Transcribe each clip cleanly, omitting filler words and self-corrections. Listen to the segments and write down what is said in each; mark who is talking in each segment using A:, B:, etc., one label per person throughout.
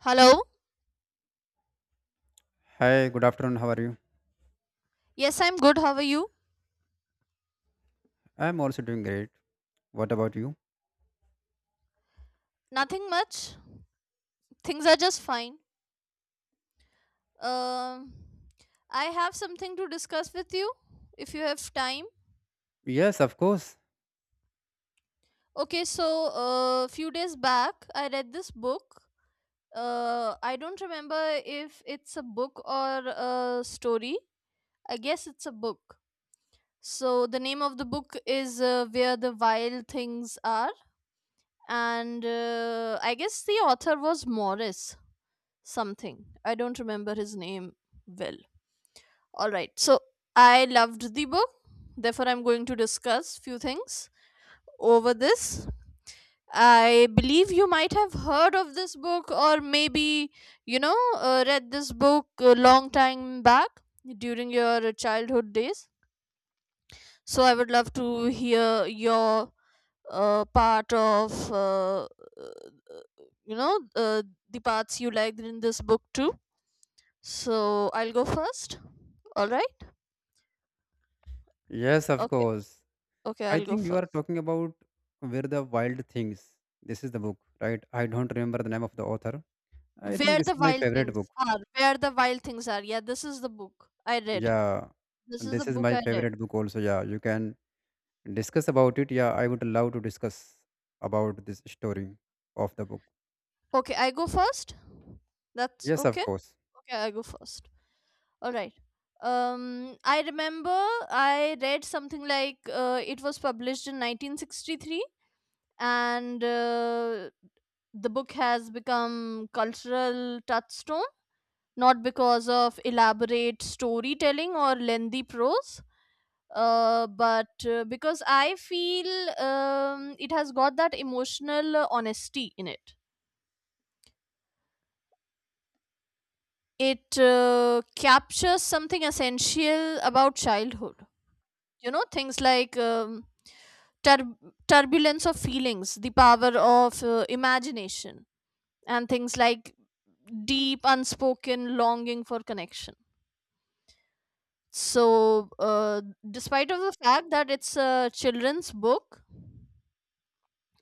A: Hello.
B: Hi, good afternoon. How are you?
A: Yes, I'm good. How are you?
B: I'm also doing great. What about you?
A: Nothing much. Things are just fine. Um, I have something to discuss with you if you have time.
B: Yes, of course.
A: Okay, so a few days back, I read this book. I don't remember if it's a book or a story. I guess it's a book. So the name of the book is Where the Wild Things Are, and I guess the author was Morris something. I don't remember his name well. All right. So I loved the book. Therefore, I'm going to discuss few things over this. I believe you might have heard of this book, or maybe read this book a long time back during your childhood days. So I would love to hear your part of you know uh, the parts you liked in this book too. So I'll go first. All right.
B: Yes, of
A: Okay.
B: course.
A: Okay.
B: I
A: I'll go
B: think you are
A: first.
B: talking about Where the Wild Things. This is the book, right? I don't remember the name of the author. I think
A: Where
B: this
A: the
B: is my
A: Wild
B: favorite book.
A: Things Are. Where the Wild Things Are. Yeah, this is the book I read.
B: Yeah,
A: This is the
B: this is
A: book
B: my
A: I read.
B: favorite book also. Yeah, you can discuss about it. Yeah, I would love to discuss about this story of the book.
A: Okay. I go first. That's
B: Yes, of
A: okay.
B: course.
A: Okay. I go first. All right. I remember I read something like it was published in 1963, and the book has become cultural touchstone, not because of elaborate storytelling or lengthy prose, but because I feel it has got that emotional honesty in it. It captures something essential about childhood, you know, things like tur- turbulence of feelings, the power of imagination, and things like deep unspoken longing for connection. So despite of the fact that it's a children's book,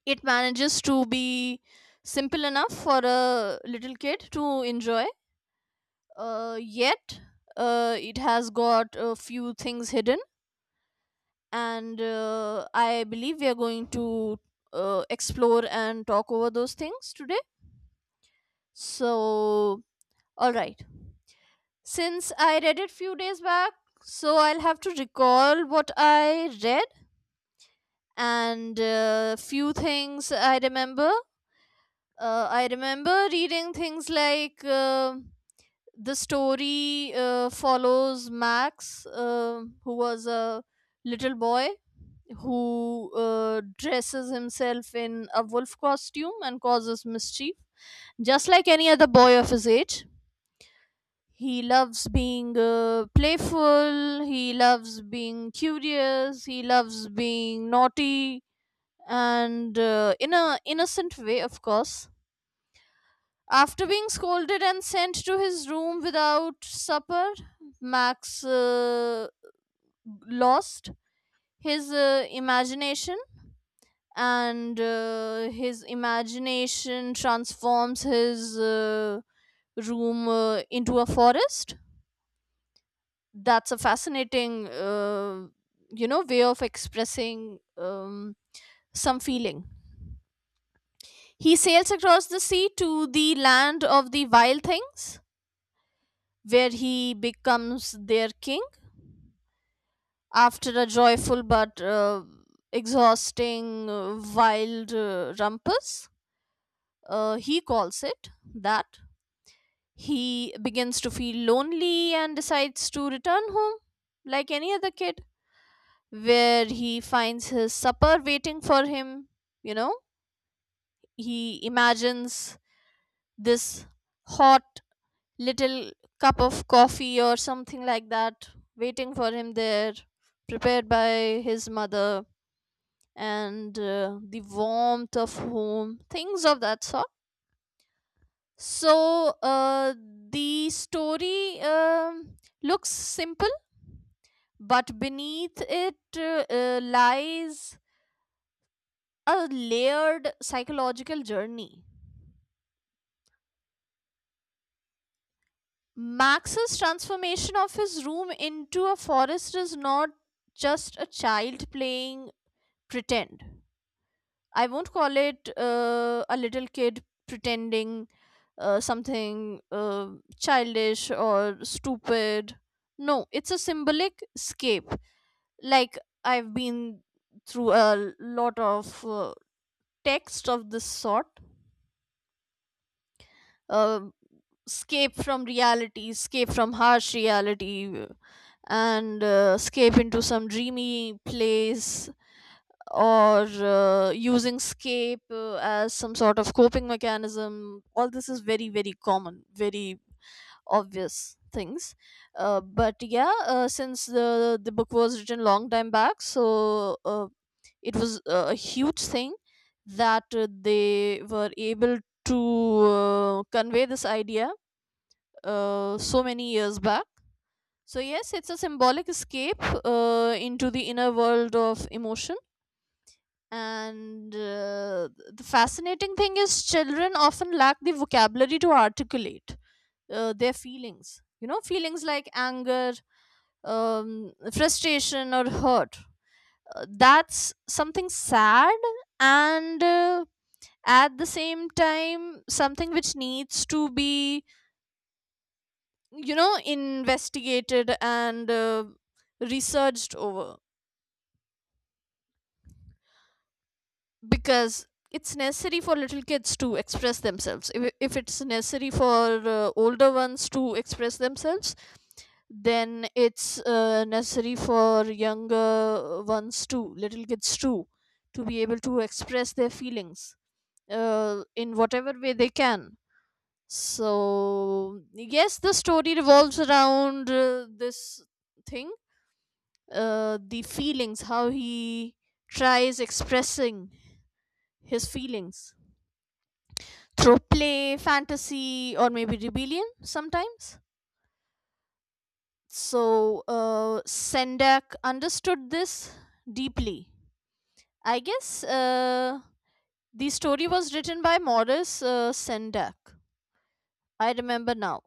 A: it manages to be simple enough for a little kid to enjoy, yet it has got a few things hidden, and I believe we are going to explore and talk over those things today. So all right, since I read it few days back, so I'll have to recall what I read, and few things I remember. I remember reading things like the story follows Max, who was a little boy, who dresses himself in a wolf costume and causes mischief, just like any other boy of his age. He loves being playful, he loves being curious, he loves being naughty, and in a innocent way, of course. After being scolded and sent to his room without supper, Max lost his imagination, and his imagination transforms his room into a forest. That's a fascinating you know, way of expressing some feeling. He sails across the sea to the land of the wild things, where he becomes their king after a joyful but exhausting wild rumpus. He calls it that. He begins to feel lonely and decides to return home, like any other kid, where he finds his supper waiting for him. You know, he imagines this hot little cup of coffee or something like that waiting for him there, prepared by his mother, and the warmth of home, things of that sort. So, the story looks simple, but beneath it lies a layered psychological journey. Max's transformation of his room into a forest is not just a child playing pretend. I won't call it a little kid pretending something uh, childish or stupid. No, it's a symbolic escape. Like, I've been through a lot of uh, text of this sort. uh, escape from reality, escape from harsh reality, and escape into some dreamy place, or using escape as some sort of coping mechanism. All this is very, very common, very obvious things. But yeah, since the book was written long time back, so it was a huge thing that they were able to convey this idea so many years back. So yes, it's a symbolic escape into the inner world of emotion, and the fascinating thing is, children often lack the vocabulary to articulate their feelings. You know, feelings like anger, frustration, or hurt. That's something sad, and at the same time something which needs to be, you know, investigated and researched over, because it's necessary for little kids to express themselves. If it's necessary for older ones to express themselves, then it's necessary for younger ones too, little kids too, to be able to express their feelings in whatever way they can. So yes, the story revolves around this thing, the feelings, how he tries expressing his feelings through play, fantasy, or maybe rebellion sometimes. So Sendak understood this deeply. I guess the story was written by Maurice Sendak. I remember now.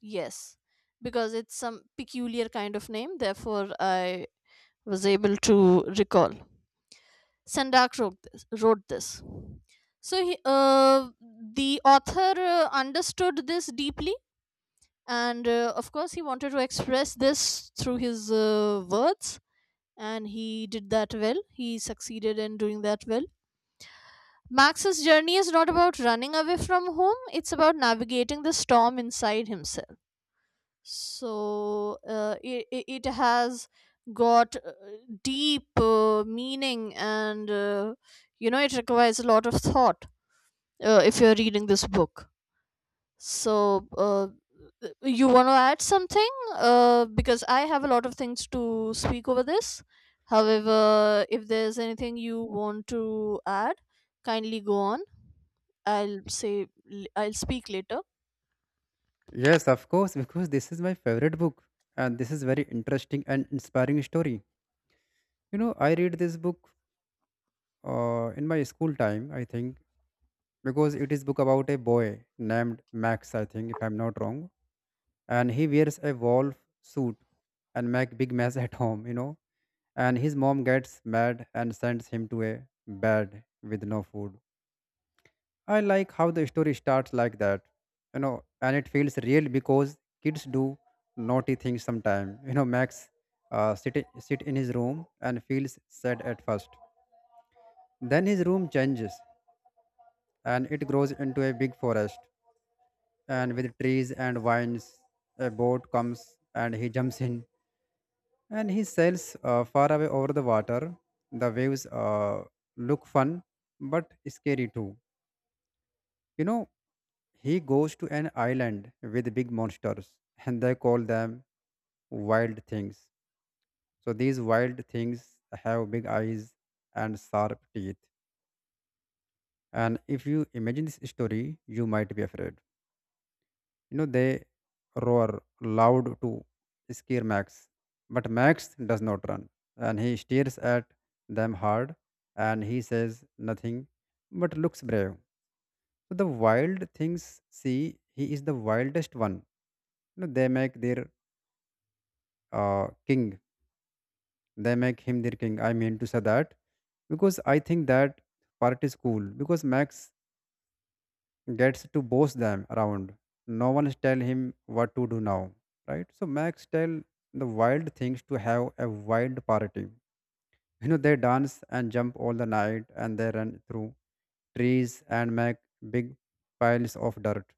A: Yes, because it's some peculiar kind of name, therefore, I was able to recall. Sendak wrote this. Wrote this. So he, the author understood this deeply, and of course he wanted to express this through his words, and he did that well. He succeeded in doing that well. Max's journey is not about running away from home, it's about navigating the storm inside himself. So it has got deep meaning, and you know, it requires a lot of thought if you're reading this book. So you want to add something? Because I have a lot of things to speak over this. However, if there's anything you want to add, kindly go on. I'll speak later.
B: Yes, of course, because this is my favorite book and this is very interesting and inspiring story. You know, I read this book in my school time, I think, because it is book about a boy named Max, I think, if I'm not wrong. And he wears a wolf suit and make big mess at home, you know. And his mom gets mad and sends him to a bed with no food. I like how the story starts like that, you know, and it feels real because kids do naughty things sometime. You know, Max sit in his room and feels sad at first. Then his room changes and it grows into a big forest and with trees and vines, a boat comes and he jumps in and he sails far away over the water. The waves look fun but scary too, you know. He goes to an island with big monsters and they call them wild things. So these wild things have big eyes and sharp teeth, and if you imagine this story you might be afraid. You know, they roar loud to scare Max, but Max does not run and he stares at them hard and he says nothing but looks brave. So the wild things see he is the wildest one. You know, they make their king, they make him their king. I mean to say that because I think that part is cool because Max gets to boss them around. No one tell him what to do now, right? So Max tell the wild things to have a wild party. You know they dance and jump all the night, and they run through trees and make big piles of dirt.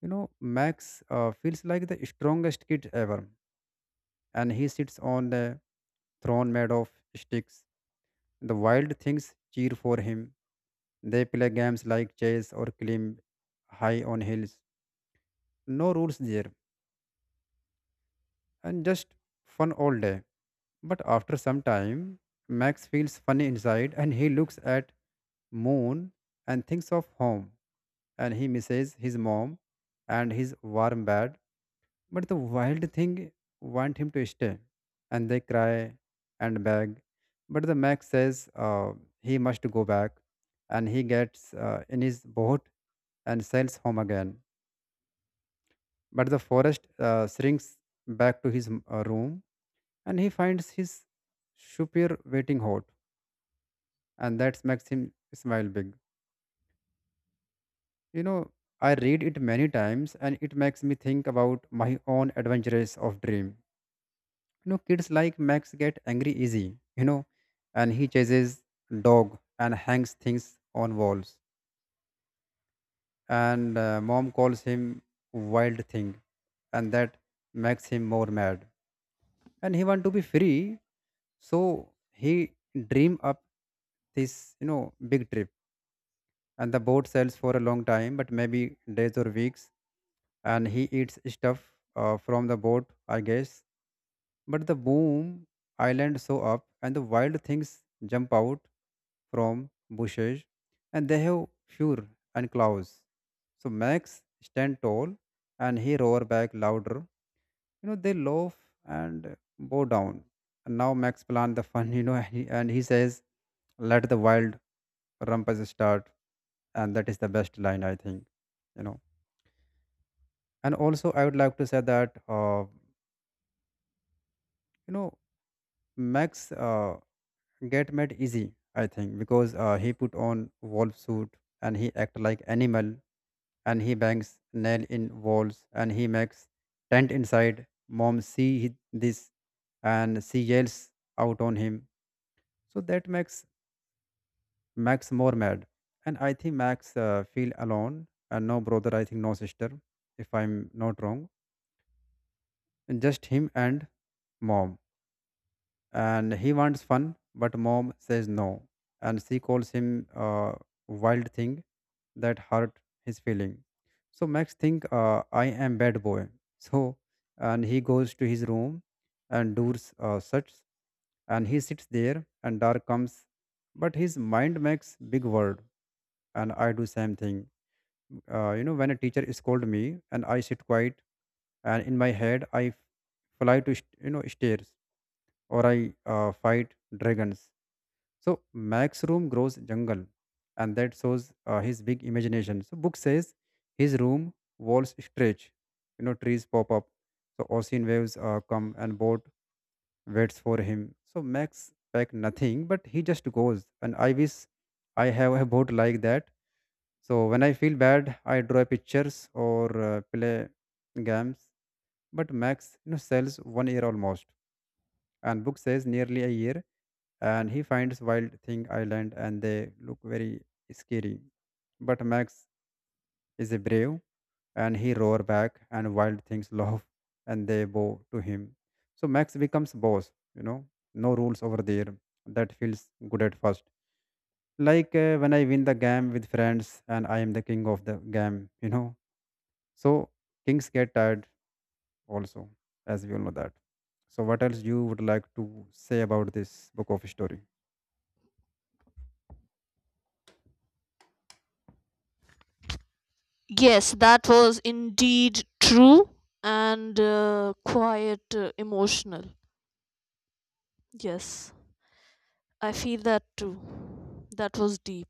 B: You know Max feels like the strongest kid ever, and he sits on the throne made of sticks. The wild things cheer for him. They play games like chess or climb high on hills. No rules there and just fun all day. But after some time, Max feels funny inside and he looks at moon and thinks of home and he misses his mom and his warm bed. But the wild thing want him to stay and they cry and beg. But the Max says he must go back and he gets in his boat and sails home again. But the forest shrinks back to his room and he finds his superior waiting hot, and that makes him smile big. You know, I read it many times and it makes me think about my own adventures of dream. You know, kids like Max get angry easy, you know, and he chases dog and hangs things on walls, and mom calls him wild thing, and that makes him more mad and he want to be free. So he dream up this, you know, big trip. And the boat sails for a long time but maybe days or weeks, and he eats stuff from the boat, I guess. But the boom island show up and the wild things jump out from bushes and they have fur and claws. So Max stand tall and he roar back louder. You know, they laugh and bow down and now Max plan the fun. You know, and he says, let the wild rumpus start. And that is the best line I think. You know, and also I would like to say that you know, Max get made easy, I think, because he put on wolf suit and he act like animal and he bangs nail in walls and he makes tent inside. Mom see this and she yells out on him. So that makes Max more mad. And I think Max feel alone and no brother, I think no sister, if I'm not wrong. And just him and mom. And he wants fun, but mom says no. And she calls him a wild thing, that hurt his feeling. So Max think I am bad boy. So and he goes to his room and does such and he sits there and dark comes but his mind makes big word. And I do same thing. You know, when a teacher scold me and I sit quiet and in my head I you know stairs, or I fight dragons. So Max room grows jungle, and that shows his big imagination. So book says his room walls stretch, you know trees pop up, so ocean waves come and boat waits for him. So Max pack nothing, but he just goes, and I wish I have a boat like that so when I feel bad, I draw pictures or play games. But Max, you know, sells 1 year almost, and book says nearly a year. And he finds wild thing island, and they look very scary. But Max is a brave, and he roar back, and wild things laugh, and they bow to him. So Max becomes boss. You know, no rules over there. That feels good at first. Like when I win the game with friends, and I am the king of the game. You know. So kings get tired also, as we all know that. So what else you would like to say about this book of story?
A: Yes, that was indeed true and quite emotional. Yes, I feel that too. That was deep.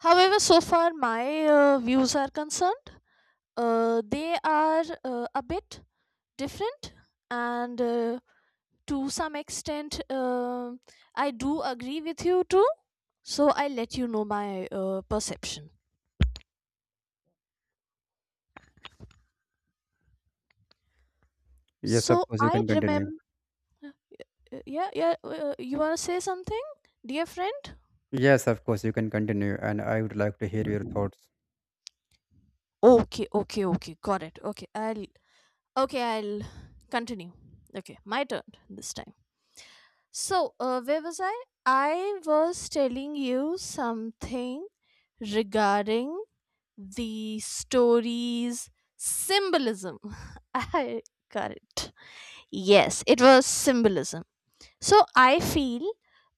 A: However, so far my views are concerned, they are a bit different, and to some extent, I do agree with you too. So I let you know my perception.
B: Yes,
A: So
B: of course you
A: I
B: can continue.
A: remember, yeah, yeah. You wanna say something, dear friend?
B: Yes, of course you can continue, and I would like to hear your thoughts.
A: Okay, okay, okay. Got it. Okay, I'll continue. Okay, my turn this time. So, where was I? I was telling you something regarding the story's symbolism. I got it. Yes, it was symbolism. So, I feel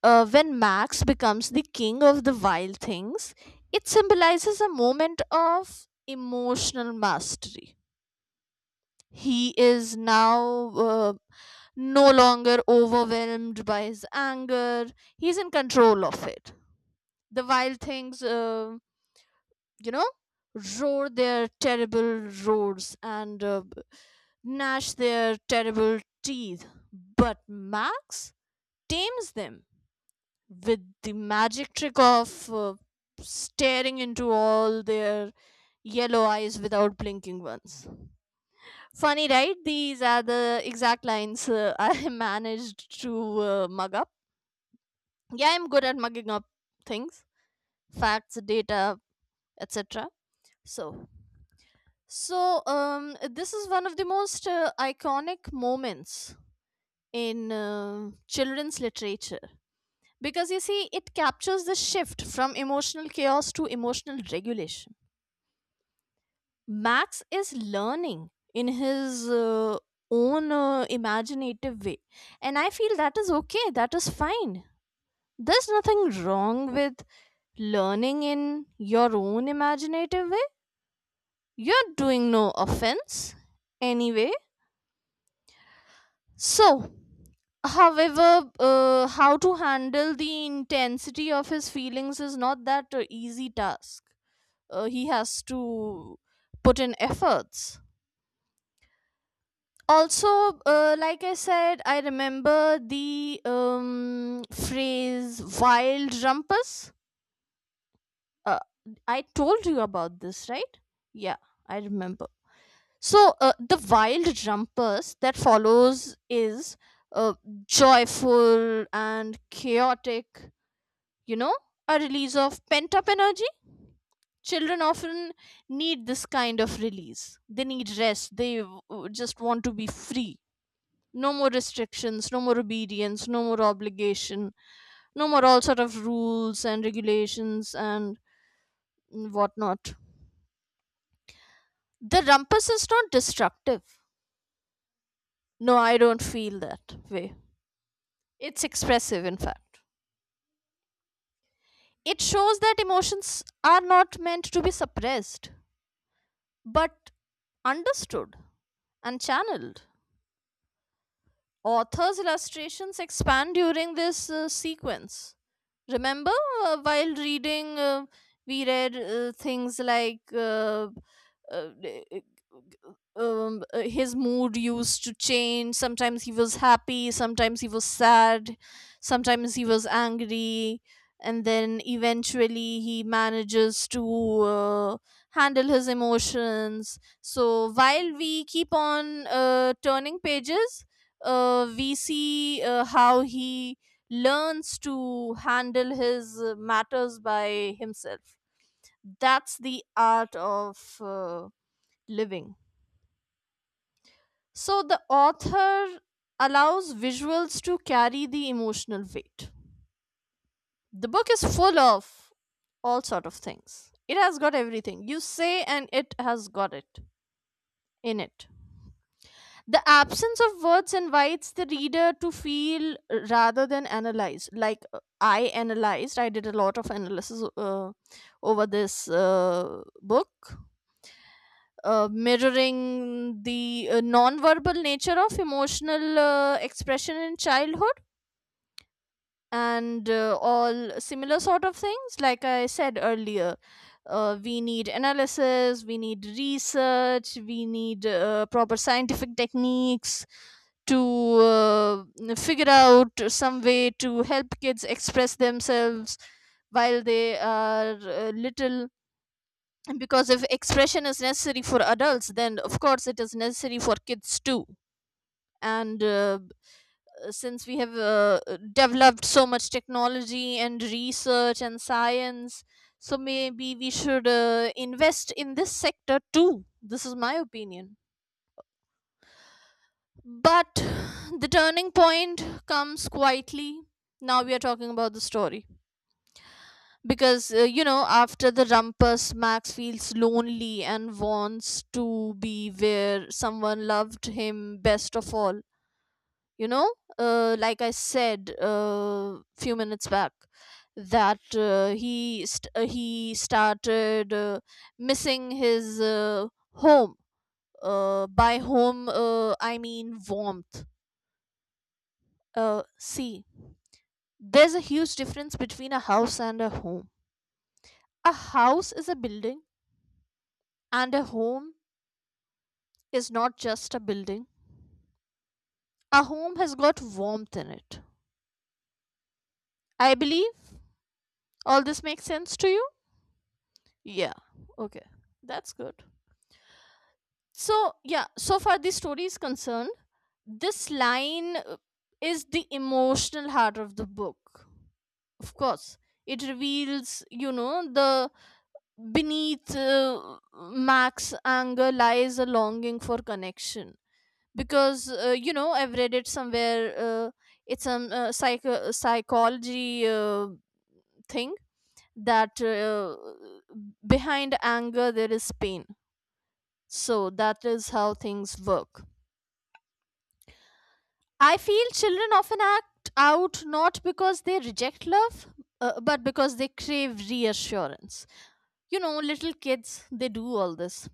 A: when Max becomes the king of the wild things, it symbolizes a moment of emotional mastery. He is now no longer overwhelmed by his anger. He's in control of it. The wild things, you know, roar their terrible roars and gnash their terrible teeth. But Max tames them with the magic trick of staring into all their yellow eyes without blinking once. Funny, right? These are the exact lines I managed to mug up. Yeah, I'm good at mugging up things, facts, data, etc. So, so this is one of the most iconic moments in children's literature, because you see, it captures the shift from emotional chaos to emotional regulation. Max is learning in his own imaginative way. And I feel that is okay, that is fine. There's nothing wrong with learning in your own imaginative way. You're doing no offense anyway. So, however, how to handle the intensity of his feelings is not that easy task. He has to put in efforts also, like I said, I remember the phrase wild rumpus. uh, I told you about this, right? Yeah, I remember. So the wild rumpus that follows is uh, joyful and chaotic, you know, a release of pent up energy. Children often need this kind of release. They need rest, they just want to be free. No more restrictions, no more obedience, no more obligation, no more all sort of rules and regulations and whatnot. The rumpus is not destructive. No, I don't feel that way. It's expressive, in fact. It shows that emotions are not meant to be suppressed, but understood and channeled. Author's illustrations expand during this sequence. Remember, while reading, we read things like uh, his mood used to change. Sometimes he was happy, sometimes he was sad, sometimes he was angry, and then eventually he manages to handle his emotions. So while we keep on turning pages, we see how he learns to handle his matters by himself. That's the art of living. So the author allows visuals to carry the emotional weight. The book is full of all sort of things. It has got everything. You say and it has got it in it. The absence of words invites the reader to feel rather than analyze. I analyzed, I did a lot of analysis over this book, mirroring the non-verbal nature of emotional expression in childhood and all similar sort of things like I said earlier. We need analysis, we need research, we need proper scientific techniques to figure out some way to help kids express themselves while they are little, because if expression is necessary for adults, then of course it is necessary for kids too. And Since we have developed so much technology and research and science, so maybe we should invest in this sector too. This is my opinion. But the turning point comes quietly. Now we are talking about the story, because after the rumpus, Max feels lonely and wants to be where someone loved him best of all you know like I said few minutes back, that he started missing his home. By home I mean warmth. See, there's a huge difference between a house and a home. A house is a building, and a home is not just a building. A home has got warmth in it. I believe all this makes sense to you. Yeah. Okay. That's good. So, yeah, so far the story is concerned, this line is the emotional heart of the book. Of course, it reveals, you know, the beneath Mac's anger lies a longing for connection. Because, you know, I've read it somewhere, it's a psychology thing, that behind anger there is pain. So, that is how things work. I feel children often act out not because they reject love, but because they crave reassurance. You know, little kids, they do all this.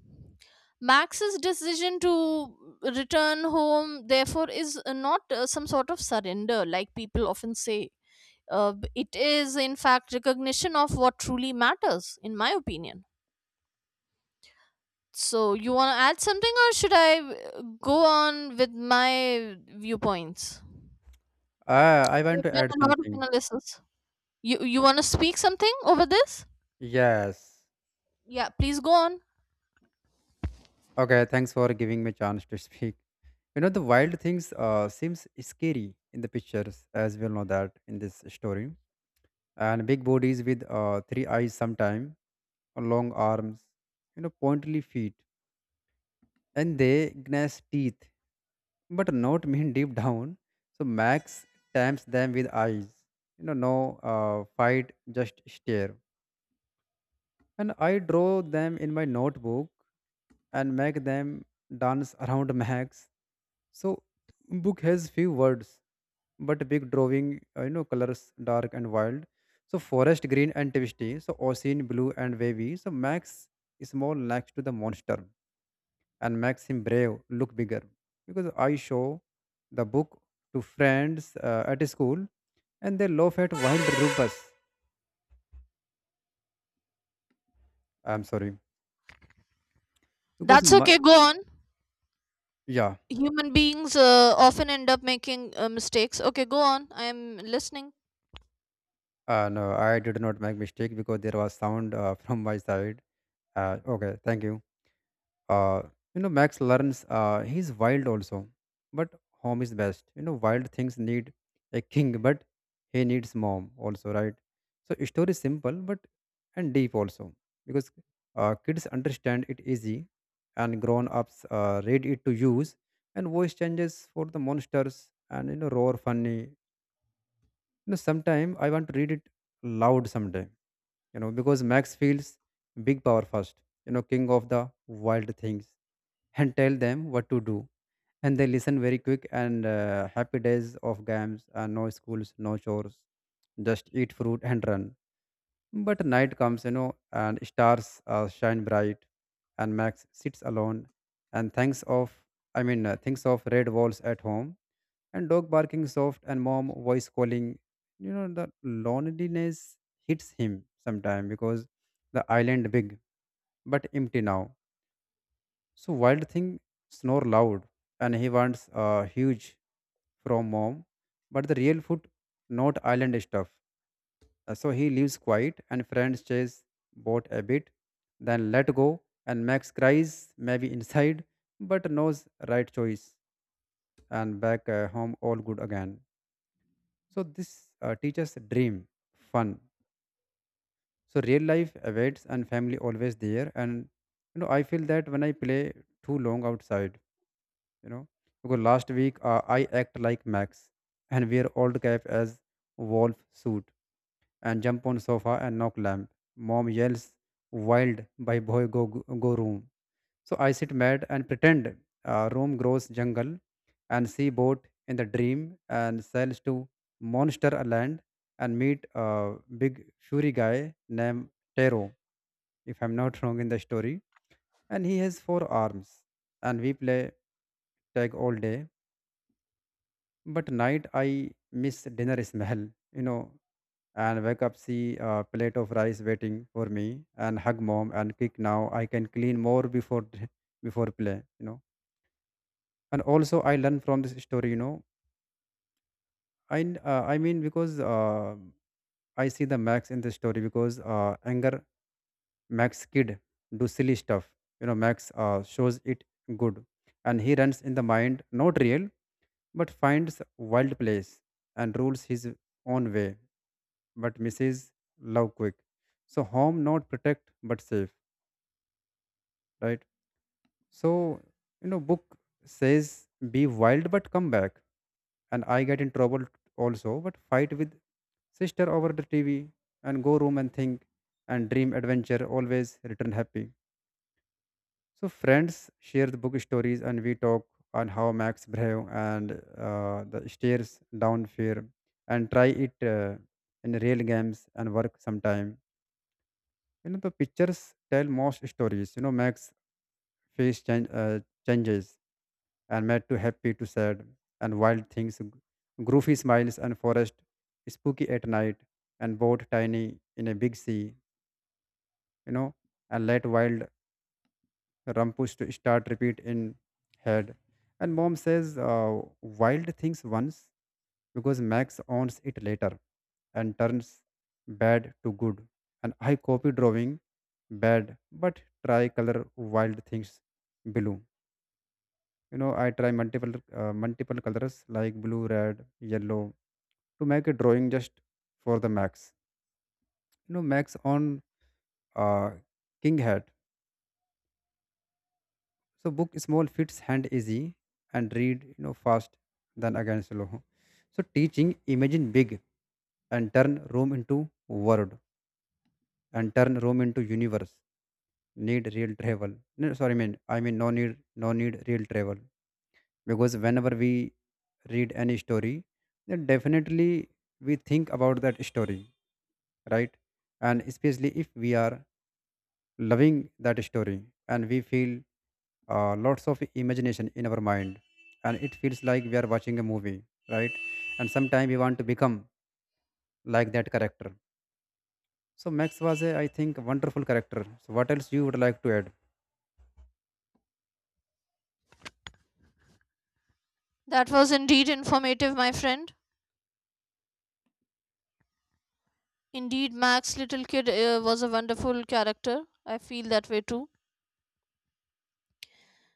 A: Max's decision to return home, therefore, is not some sort of surrender, like people often say. It is, in fact, recognition of what truly matters, in my opinion. So, you want to add something, or should I go on with my viewpoints?
B: Ah, I want
A: I've
B: to add
A: done a lot of
B: something.
A: analysis. You want to speak something over this?
B: Yes.
A: Yeah, please go on.
B: Okay, thanks for giving me chance to speak. You know the wild things seems scary in the pictures, as we all know that in this story. And big bodies with three eyes sometime, long arms, you know, pointy feet, and they gnash teeth, but not mean deep down. So Max taps them with eyes. You know, no fight, just stare. And I draw them in my notebook and make them dance around Max. So book has few words, but big drawing. You know, colors dark and wild. So forest green and twisty. So ocean blue and wavy. So Max is small next to the monster and makes him brave look bigger because I show the book to friends at school and they laugh at wild rupus. I'm sorry, because
A: That's
B: my,
A: okay. Go on.
B: yeah,
A: Human beings often end up making mistakes. Okay, go on. I am listening.
B: no I did not make mistake because there was sound from my side. Okay, thank you. uh, you know Max learns he's wild also, but home is best. You know wild things need a king, but he needs mom also, right? So story is simple but and deep also, because kids understand it easy and grown ups read it to use. And voice changes for the monsters and you know roar funny. You know sometime I want to read it loud someday. You know, because Max feels big power first, you know, king of the wild things, and tell them what to do and they listen very quick, and happy days of games and no schools no chores, just eat fruit and run. But night comes, you know, and stars shine bright and Max sits alone and thinks of, thinks of red walls at home and dog barking soft and mom voice calling. You know, the loneliness hits him sometime because the island big but empty now. So wild thing snore loud and he wants huge from mom, but the real food, not island stuff. So he leaves quiet and friends chase boat a bit, then let go and Max cries maybe inside, but knows right choice and back home all good again. So this teaches dream, fun. So real life awaits and family always there. And, you know, I feel that when I play too long outside, you know, because last week I act like Max and wear old cap as wolf suit and jump on sofa and knock lamp. Mom yells, wild by boy, go go go room. So I sit mad and pretend room grows jungle and see boat in the dream and sails to monster land and meet a big fury guy named Taro, if I'm not wrong in the story. And he has four arms and we play tag all day. But night I miss dinner smell, you know, and wake up see a plate of rice waiting for me and hug mom and kick, now I can clean more before before play, you know. And also I learn from this story, you know. I mean because I see the Max in the story because anger Max kid do silly stuff, you know. Max shows it good, and he runs in the mind, not real, but finds wild place and rules his own way but misses love quick. So harm not protect but save, right? So, you know, book says be wild but come back, and I get in trouble also, but fight with sister over the TV and go room and think and dream adventure always return happy. So friends share the book stories and we talk on how Max brave and the stairs down fear and try it in real games and work sometime. You know, the pictures tell most stories. You know Max face change, uh, changes and made to happy to sad and wild things goofy smiles and forest spooky at night and boat tiny in a big sea, you know. And let wild rumpus to start repeat in head and mom says wild things once because Max owns it later and turns bad to good. And I copy drawing bad, but try color wild things blue. You know, I try multiple colors like blue, red, yellow to make a drawing just for the Max. You know, Max on uh, king hat. So book small fits hand easy and read, you know, fast than again slow. So teaching imagine big and turn room into world and turn room into universe need real travel, no, sorry man, I mean no need, real travel. Because whenever we read any story, then definitely we think about that story, right? And especially if we are loving that story and we feel lots of imagination in our mind and it feels like we are watching a movie, right? And sometimes we want to become like that character. So Max was a, I think, wonderful character. So what else you would like to add?
A: That was indeed informative, my friend. Indeed, Max, little kid, was a wonderful character. I feel that way too.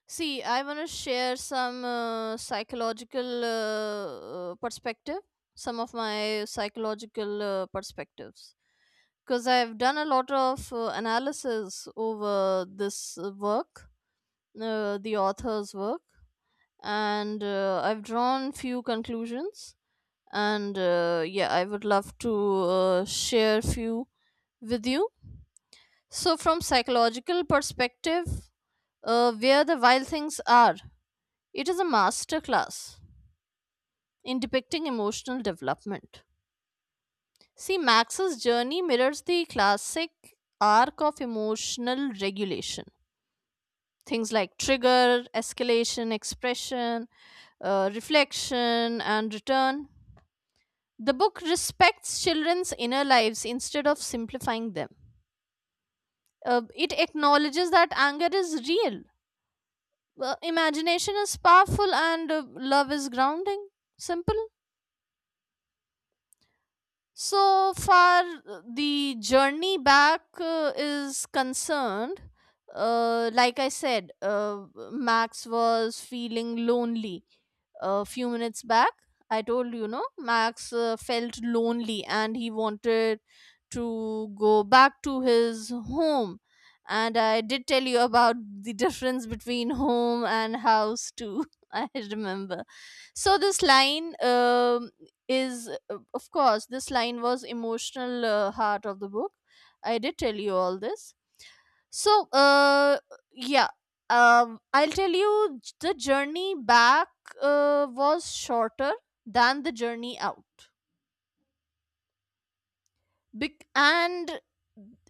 A: See, I want to share some psychological perspective, some of my psychological perspectives. Because I've done a lot of analysis over this work, the author's work, and I've drawn few conclusions. And yeah, I would love to share few with you. So, from psychological perspective, where the wild things are, it is a masterclass in depicting emotional development. See, Max's journey mirrors the classic arc of emotional regulation. Things like trigger, escalation, expression, reflection, and return. The book respects children's inner lives instead of simplifying them. It acknowledges that anger is real, imagination is powerful, and love is grounding. Simple. So far, the journey back is concerned. Like I said, Max was feeling lonely a few minutes back. I told you, no, Max felt lonely and he wanted to go back to his home. And I did tell you about the difference between home and house, too. I remember. So, this line is, of course, this line was emotional heart of the book. I did tell you all this. So uh yeah um I'll tell you, the journey back was shorter than the journey out. And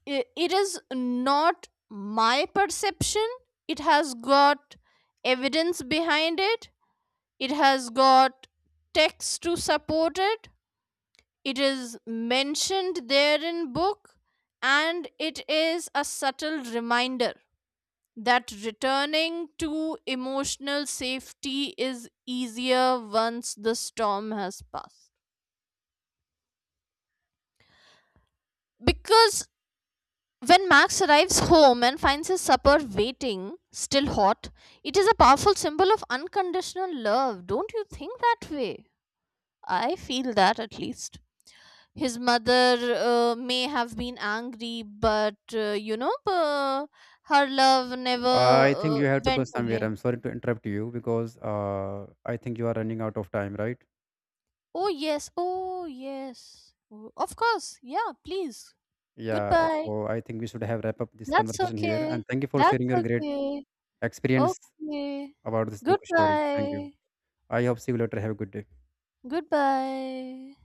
A: it is not my perception. It has got evidence behind it. It has got text to support it. It is mentioned there in book. And it is a subtle reminder that returning to emotional safety is easier once the storm has passed. Because when Max arrives home and finds his supper waiting, still hot, it is a powerful symbol of unconditional love. Don't you think that way? I feel that at least. His mother may have been angry, but you know, her love never
B: Uh, I think you have to go
A: went
B: somewhere.
A: away.
B: I'm sorry to interrupt you because I think you are running out of time, right?
A: Oh yes, oh yes. Oh, of course, yeah, please.
B: Yeah.
A: Goodbye.
B: So I think we should have wrap up this
A: That's
B: conversation here. And
A: okay.
B: thank you for
A: That's
B: sharing your great
A: okay.
B: experience
A: Okay.
B: about this book story. Thank you.
A: Goodbye.
B: I hope see you later. Have a good day.
A: Goodbye.